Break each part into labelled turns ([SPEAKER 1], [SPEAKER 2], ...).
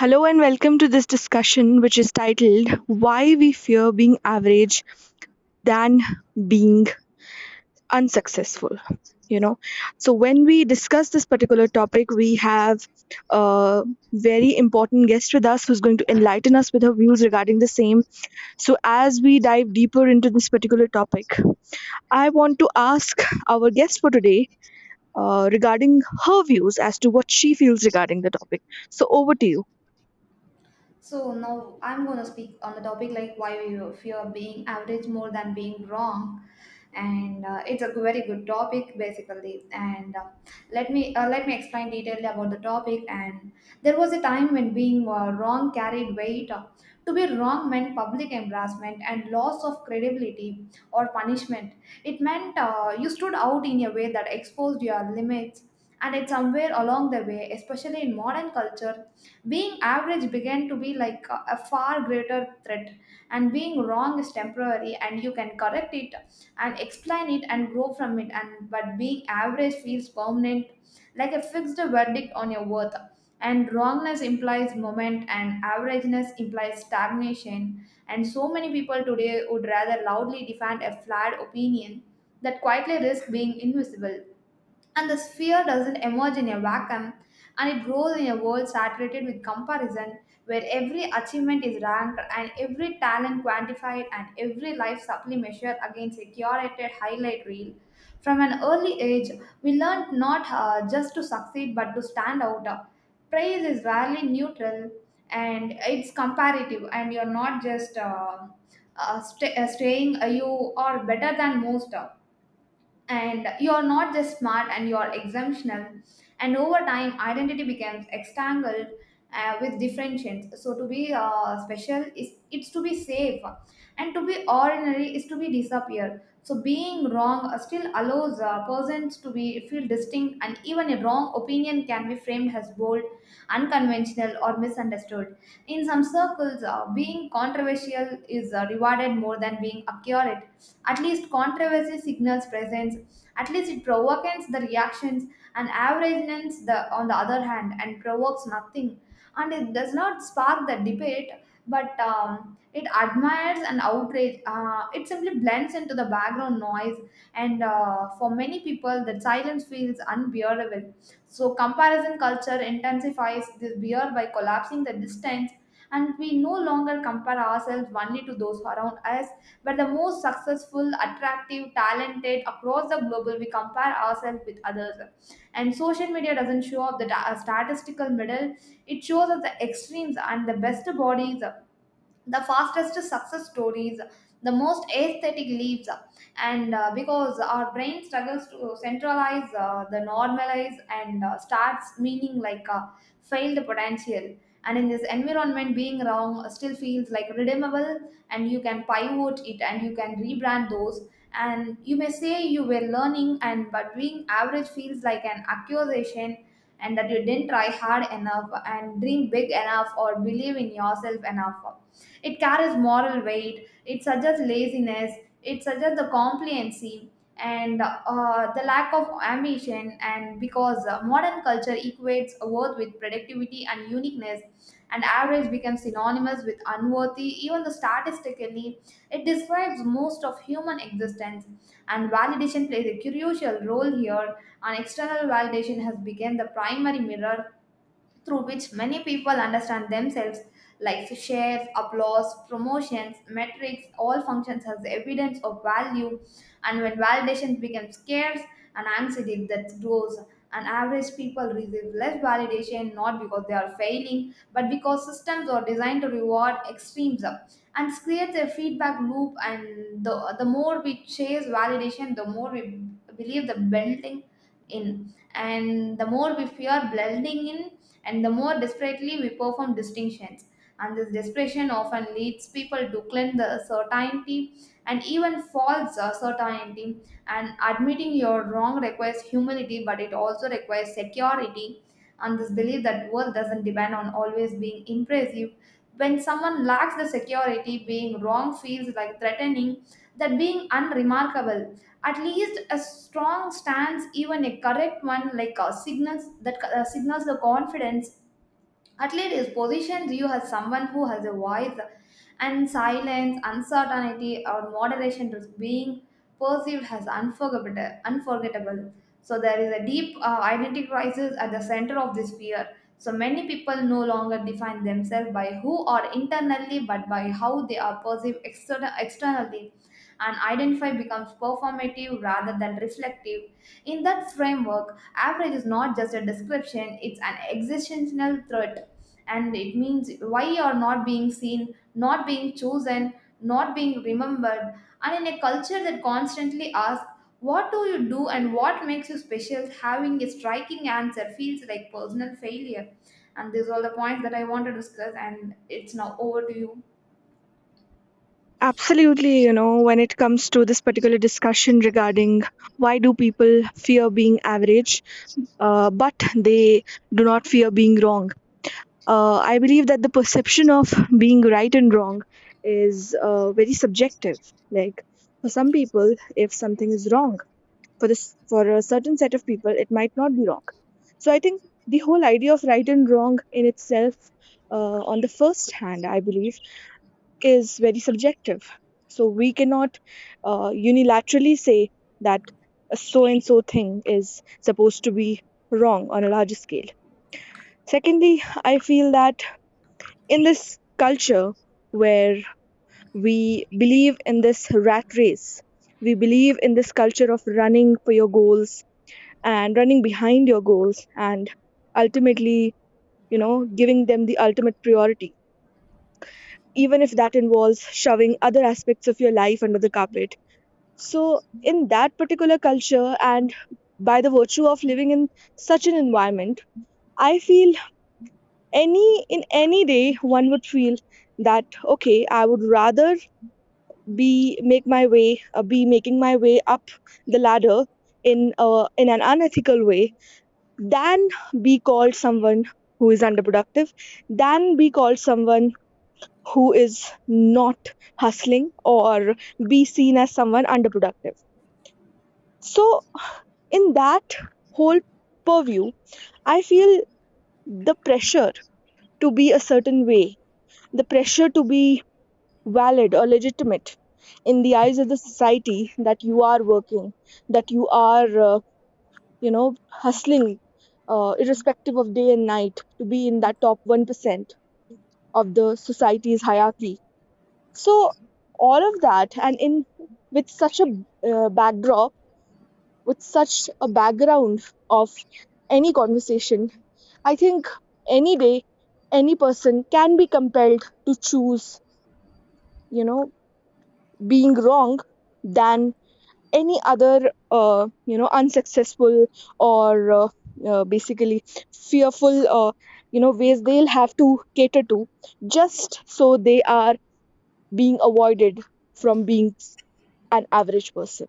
[SPEAKER 1] Hello and welcome to this discussion, which is titled Why We Fear Being Average Than Being Unsuccessful. You know, so when we discuss this particular topic, we have a very important guest with us who's going to enlighten us with her views regarding the same. So, as we dive deeper into this particular topic, I want to ask our guest for today regarding her views as to what she feels regarding the topic. So, over to you.
[SPEAKER 2] So now I'm going to speak on the topic like why you fear being average more than being wrong, and it's a very good topic basically. And let me explain detailedly about the topic. And there was a time when being wrong carried weight. To be wrong meant public embarrassment and loss of credibility or punishment. It meant you stood out in a way that exposed your limits. And it's somewhere along the way, especially in modern culture, being average began to be like a far greater threat, and being wrong is temporary, and you can correct it and explain it and grow from it. And but being average feels permanent, like a fixed verdict on your worth. And wrongness implies moment, and averageness implies stagnation. And so many people today would rather loudly defend a flawed opinion that quietly risk being invisible. And the sphere doesn't emerge in a vacuum, and it grows in a world saturated with comparison, where every achievement is ranked and every talent quantified and every life supply measured against a curated highlight reel. From an early age, we learned not just to succeed but to stand out. Praise is rarely neutral and it's comparative, and you're not just saying you are better than most and you are not just smart and you are exemptional, and over time identity becomes entangled with differentiations. So to be special is it's to be safe, and to be ordinary is to be disappear. So being wrong still allows persons to be feel distinct, and even a wrong opinion can be framed as bold, unconventional or misunderstood. In some circles being controversial is rewarded more than being accurate. At least controversy signals presence. At least it provokes the reactions, and averageness, the, on the other hand, and provokes nothing. And it does not spark the debate, but it admires and outrage. It simply blends into the background noise, and for many people, that silence feels unbearable. So comparison culture intensifies this beer by collapsing the distance, and we no longer compare ourselves only to those around us but the most successful attractive talented across the global, we compare ourselves with others. And social media doesn't show up the statistical middle, it shows us the extremes and the best bodies, the fastest success stories, the most aesthetic leaps. And because our brain struggles to centralize the normalize and starts meaning like failed potential. And in this environment being wrong still feels like redeemable, and you can pivot it and you can rebrand those, and you may say you were learning. And but being average feels like an accusation, and that you didn't try hard enough and dream big enough or believe in yourself enough. It carries moral weight, it suggests laziness, it suggests the compliancy and the lack of ambition. And because modern culture equates worth with productivity and uniqueness, and average becomes synonymous with unworthy, even the statistically, it describes most of human existence. And validation plays a crucial role here, and external validation has become the primary mirror through which many people understand themselves, like shares, applause, promotions, metrics, all functions as evidence of value. And when validation becomes scarce and anxiety that grows, and average people receive less validation, not because they are failing, but because systems are designed to reward extremes and creates a feedback loop. And the more we chase validation the more we believe the building in, and the more we fear blending in, and the more desperately we perform distinctions. And this desperation often leads people to cling the certainty and even false certainty. And admitting you're wrong requires humility, but it also requires security, and this belief that worth doesn't depend on always being impressive. When someone lacks the security, being wrong feels like threatening that being unremarkable. At least a strong stance, even a correct one, like a signals that signals the confidence. At least it positions you as someone who has a voice, and silence, uncertainty, or moderation is being perceived as unforgettable. Unforgettable. So there is a deep identity crisis at the center of this fear. So many people no longer define themselves by who are internally, but by how they are perceived externally. And identify becomes performative rather than reflective. In that framework, average is not just a description, it's an existential threat, and it means why you are not being seen, not being chosen, not being remembered. And in a culture that constantly asks what do you do and what makes you special, having a striking answer feels like personal failure. And these are all the points that I want to discuss, and it's now over to you.
[SPEAKER 1] Absolutely, you know, when it comes to this particular discussion regarding why do people fear being average, but they do not fear being wrong. I believe that the perception of being right and wrong is very subjective. Like for some people, if something is wrong, for this for a certain set of people it might not be wrong. So I think the whole idea of right and wrong in itself, on the first hand I believe, is very subjective. So we cannot unilaterally say that a so and so thing is supposed to be wrong on a larger scale. Secondly, I feel that in this culture where we believe in this rat race, we believe in this culture of running for your goals and running behind your goals and ultimately, you know, giving them the ultimate priority, even if that involves shoving other aspects of your life under the carpet. So, in that particular culture, and by the virtue of living in such an environment, I feel any in any day one would feel that okay, I would rather be making my way up the ladder in an unethical way than be called someone who is underproductive, than be called someone who is not hustling or be seen as someone underproductive. So, in that whole purview, I feel the pressure to be a certain way, the pressure to be valid or legitimate in the eyes of the society that you are working, that you are, you know, hustling irrespective of day and night to be in that top 1% of the society's hierarchy. So all of that, and in with such a backdrop, with such a background of any conversation, I think any day, any person can be compelled to choose, you know, being wrong than any other, you know, unsuccessful or basically fearful, you know, ways they'll have to cater to just so they are being avoided from an average person.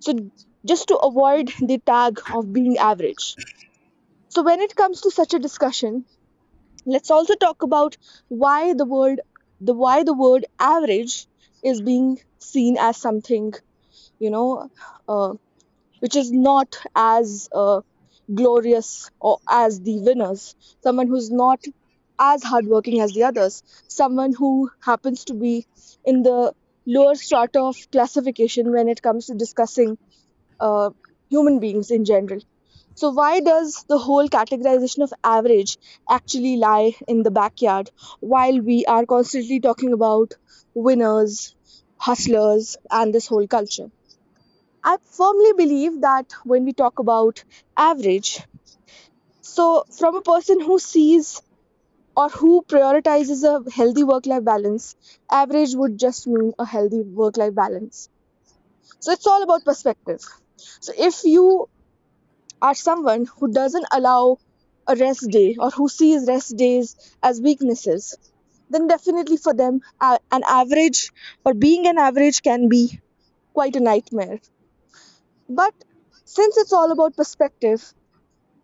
[SPEAKER 1] So, just to avoid the tag of being average. So, when it comes to such a discussion, let's also talk about why the word the why the word average is being seen as something, you know, uh, which is not as glorious or as the winners, someone who's not as hardworking as the others, someone who happens to be in the lower strata of classification when it comes to discussing uh, human beings in general. So, why does the whole categorization of average actually lie in the backyard while we are constantly talking about winners, hustlers, and this whole culture? I firmly believe that when we talk about average, so from a person who sees or who prioritizes a healthy work life balance, average would just mean a healthy work life balance. So it's all about perspective. So if you are someone who doesn't allow a rest day or who sees rest days as weaknesses, then definitely for them, an average or being an average can be quite a nightmare. But since it's all about perspective,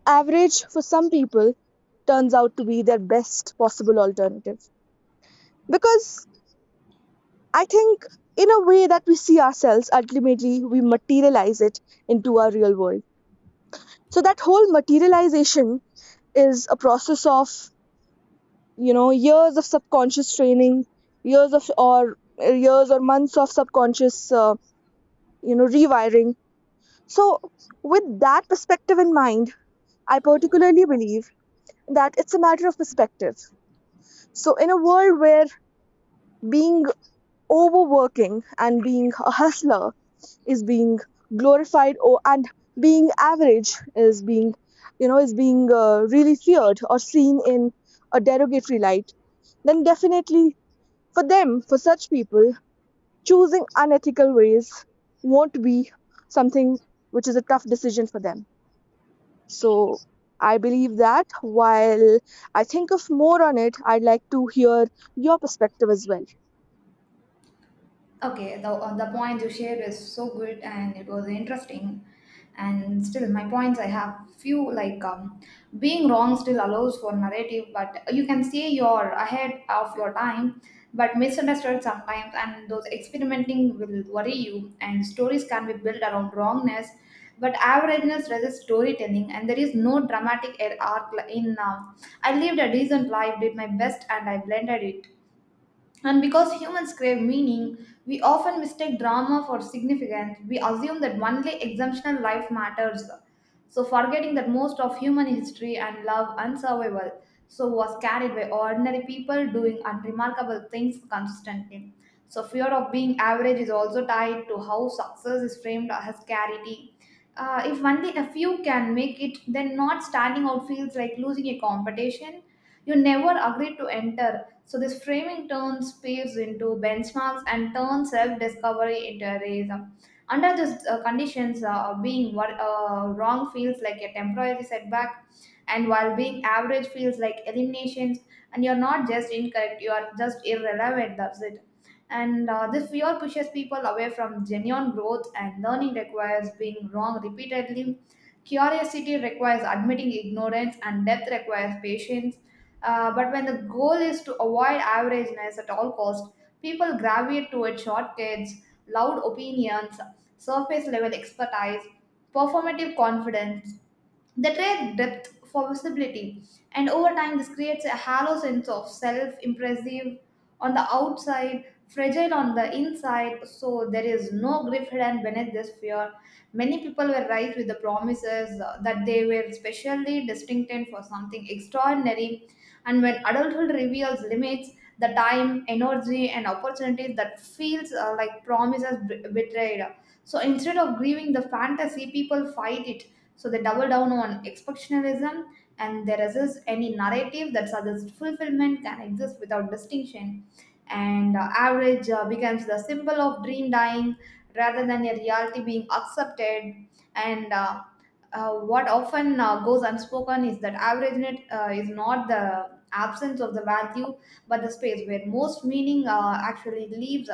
[SPEAKER 1] average for some people turns out to be their best possible alternative. Because I think, in a way that we see ourselves, ultimately we materialize it into our real world. So, that whole materialization is a process of, you know, years of subconscious training, years or months of subconscious, you know, rewiring. So, with that perspective in mind, I particularly believe that it's a matter of perspective. So, in a world where being overworking and being a hustler is being glorified or and being average is being you know is being really feared or seen in a derogatory light, then definitely for them, for such people, choosing unethical ways won't be something which is a tough decision for them. So I believe that, while I think of more on it, I'd like to hear your perspective as well.
[SPEAKER 2] Okay, the point you shared is so good and it was interesting. And still, my points I have few, like being wrong still allows for narrative, but you can say you're ahead of your time, but misunderstood sometimes, and those experimenting will worry you. And stories can be built around wrongness, but averageness resists storytelling, and there is no dramatic arc in. I lived a decent life, did my best, and I blended it. And because humans crave meaning, we often mistake drama for significance. We assume that only exceptional life matters. So, forgetting that most of human history and love and survival so was carried by ordinary people doing unremarkable things consistently. So, fear of being average is also tied to how success is framed as charity. If only a few can make it, then not standing out feels like losing a competition you never agreed to enter. So, this framing turns peers into benchmarks and turns self discovery into a race. Under these conditions, being wrong feels like a temporary setback, and while being average feels like eliminations, and you're not just incorrect, you are just irrelevant. That's it. And this fear pushes people away from genuine growth, and learning requires being wrong repeatedly. Curiosity requires admitting ignorance, and depth requires patience. But when the goal is to avoid averageness at all costs, people gravitate toward shortcuts, loud opinions, surface level expertise, performative confidence, the trade depth for visibility, and over time, this creates a hollow sense of self impressive on the outside, fragile on the inside. So, there is no grief hidden beneath this fear. Many people were raised with the promises that they were specially destined for something extraordinary, and when adulthood reveals limits, the time, energy, and opportunities that feels like promises betrayed. So instead of grieving the fantasy, people fight it, so they double down on expressionism, and there is any narrative that suggests fulfillment can exist without distinction. And average becomes the symbol of dream dying, rather than a reality being accepted. And what often goes unspoken is that averageness is not the absence of the value, but the space where most meaning actually lives.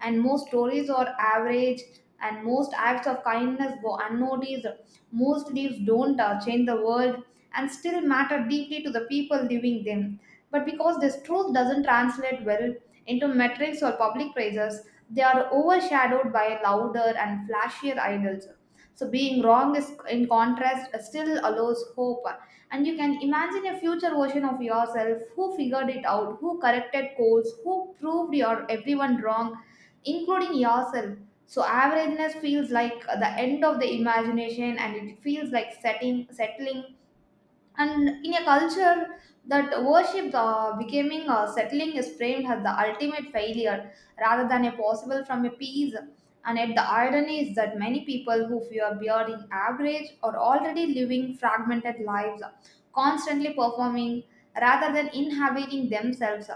[SPEAKER 2] And most stories are average, and most acts of kindness go unnoticed. Most leaves don't change the world and still matter deeply to the people living them. But because this truth doesn't translate well into metrics or public praises, they are overshadowed by louder and flashier idols. So being wrong is in contrast still allows hope. And you can imagine a future version of yourself who figured it out, who corrected course, who proved your everyone wrong, including yourself. So averageness feels like the end of the imagination and it feels like setting settling. And in a culture that worship becoming, settling is framed as the ultimate failure rather than a possible from a peace. And yet the irony is that many people who fear bearing average are already living fragmented lives, constantly performing rather than inhabiting themselves.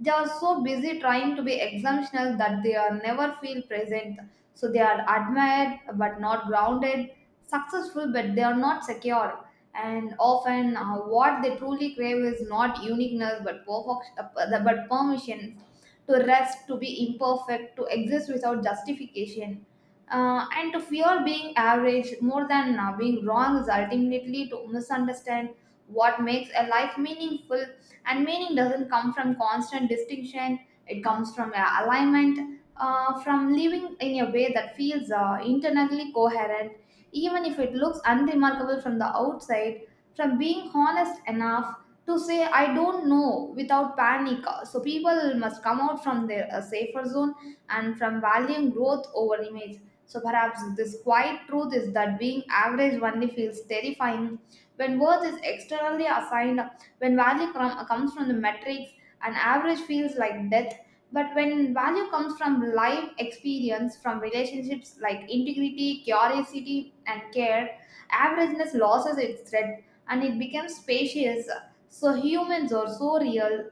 [SPEAKER 2] They are so busy trying to be exemptional that they are never feel present. So they are admired but not grounded, successful but they are not secure, and often what they truly crave is not uniqueness but perfection but permission to rest, to be imperfect, to exist without justification. And to fear being average more than being wrong is ultimately to misunderstand what makes a life meaningful. And meaning doesn't come from constant distinction, it comes from alignment, from living in a way that feels internally coherent, even if it looks unremarkable from the outside, from being honest enough to say, I don't know without panic. So people must come out from their safer zone and from valuing growth over image. So perhaps this quiet truth is that being average only feels terrifying when worth is externally assigned, when value comes from the metrics, and average feels like death. But when value comes from live experience, from relationships like integrity, curiosity, and care, averageness loses its thread and it becomes spacious. So humans are so real,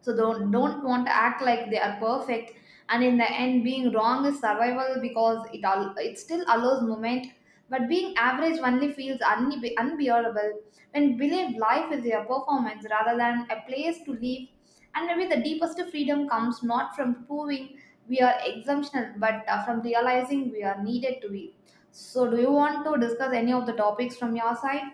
[SPEAKER 2] so don't want to act like they are perfect. And in the end being wrong is survival because it all it still allows movement, but being average only feels unbearable when believe life is a performance rather than a place to live. And maybe the deepest freedom comes not from proving we are exemptional but from realizing we are needed to be. So do you want to discuss any of the topics from your side?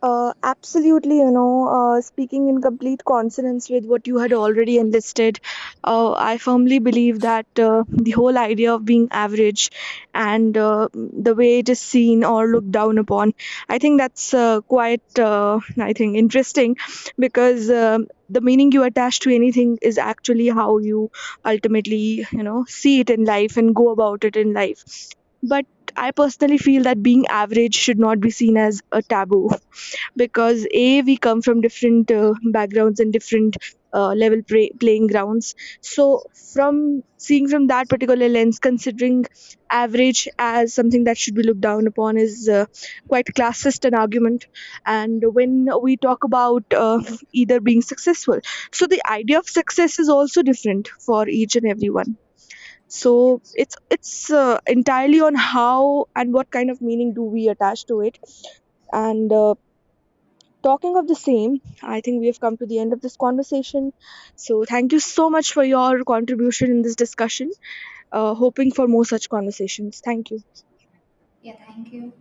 [SPEAKER 1] Absolutely, you know, speaking in complete consonance with what you had already enlisted, I firmly believe that the whole idea of being average and the way it is seen or looked down upon, I think that's quite, I think, interesting because the meaning you attach to anything is actually how you ultimately, you know, see it in life and go about it in life. But I personally feel that being average should not be seen as a taboo because a we come from different backgrounds and different level playing grounds. So from seeing from that particular lens, considering average as something that should be looked down upon is quite classist an argument. And when we talk about either being successful, so the idea of success is also different for each and everyone, so it's entirely on how and what kind of meaning do we attach to it. And talking of the same, I think we have come to the end of this conversation. So, thank you so much for your contribution in this discussion. Hoping for more such conversations. Thank you.
[SPEAKER 2] Yeah, thank you.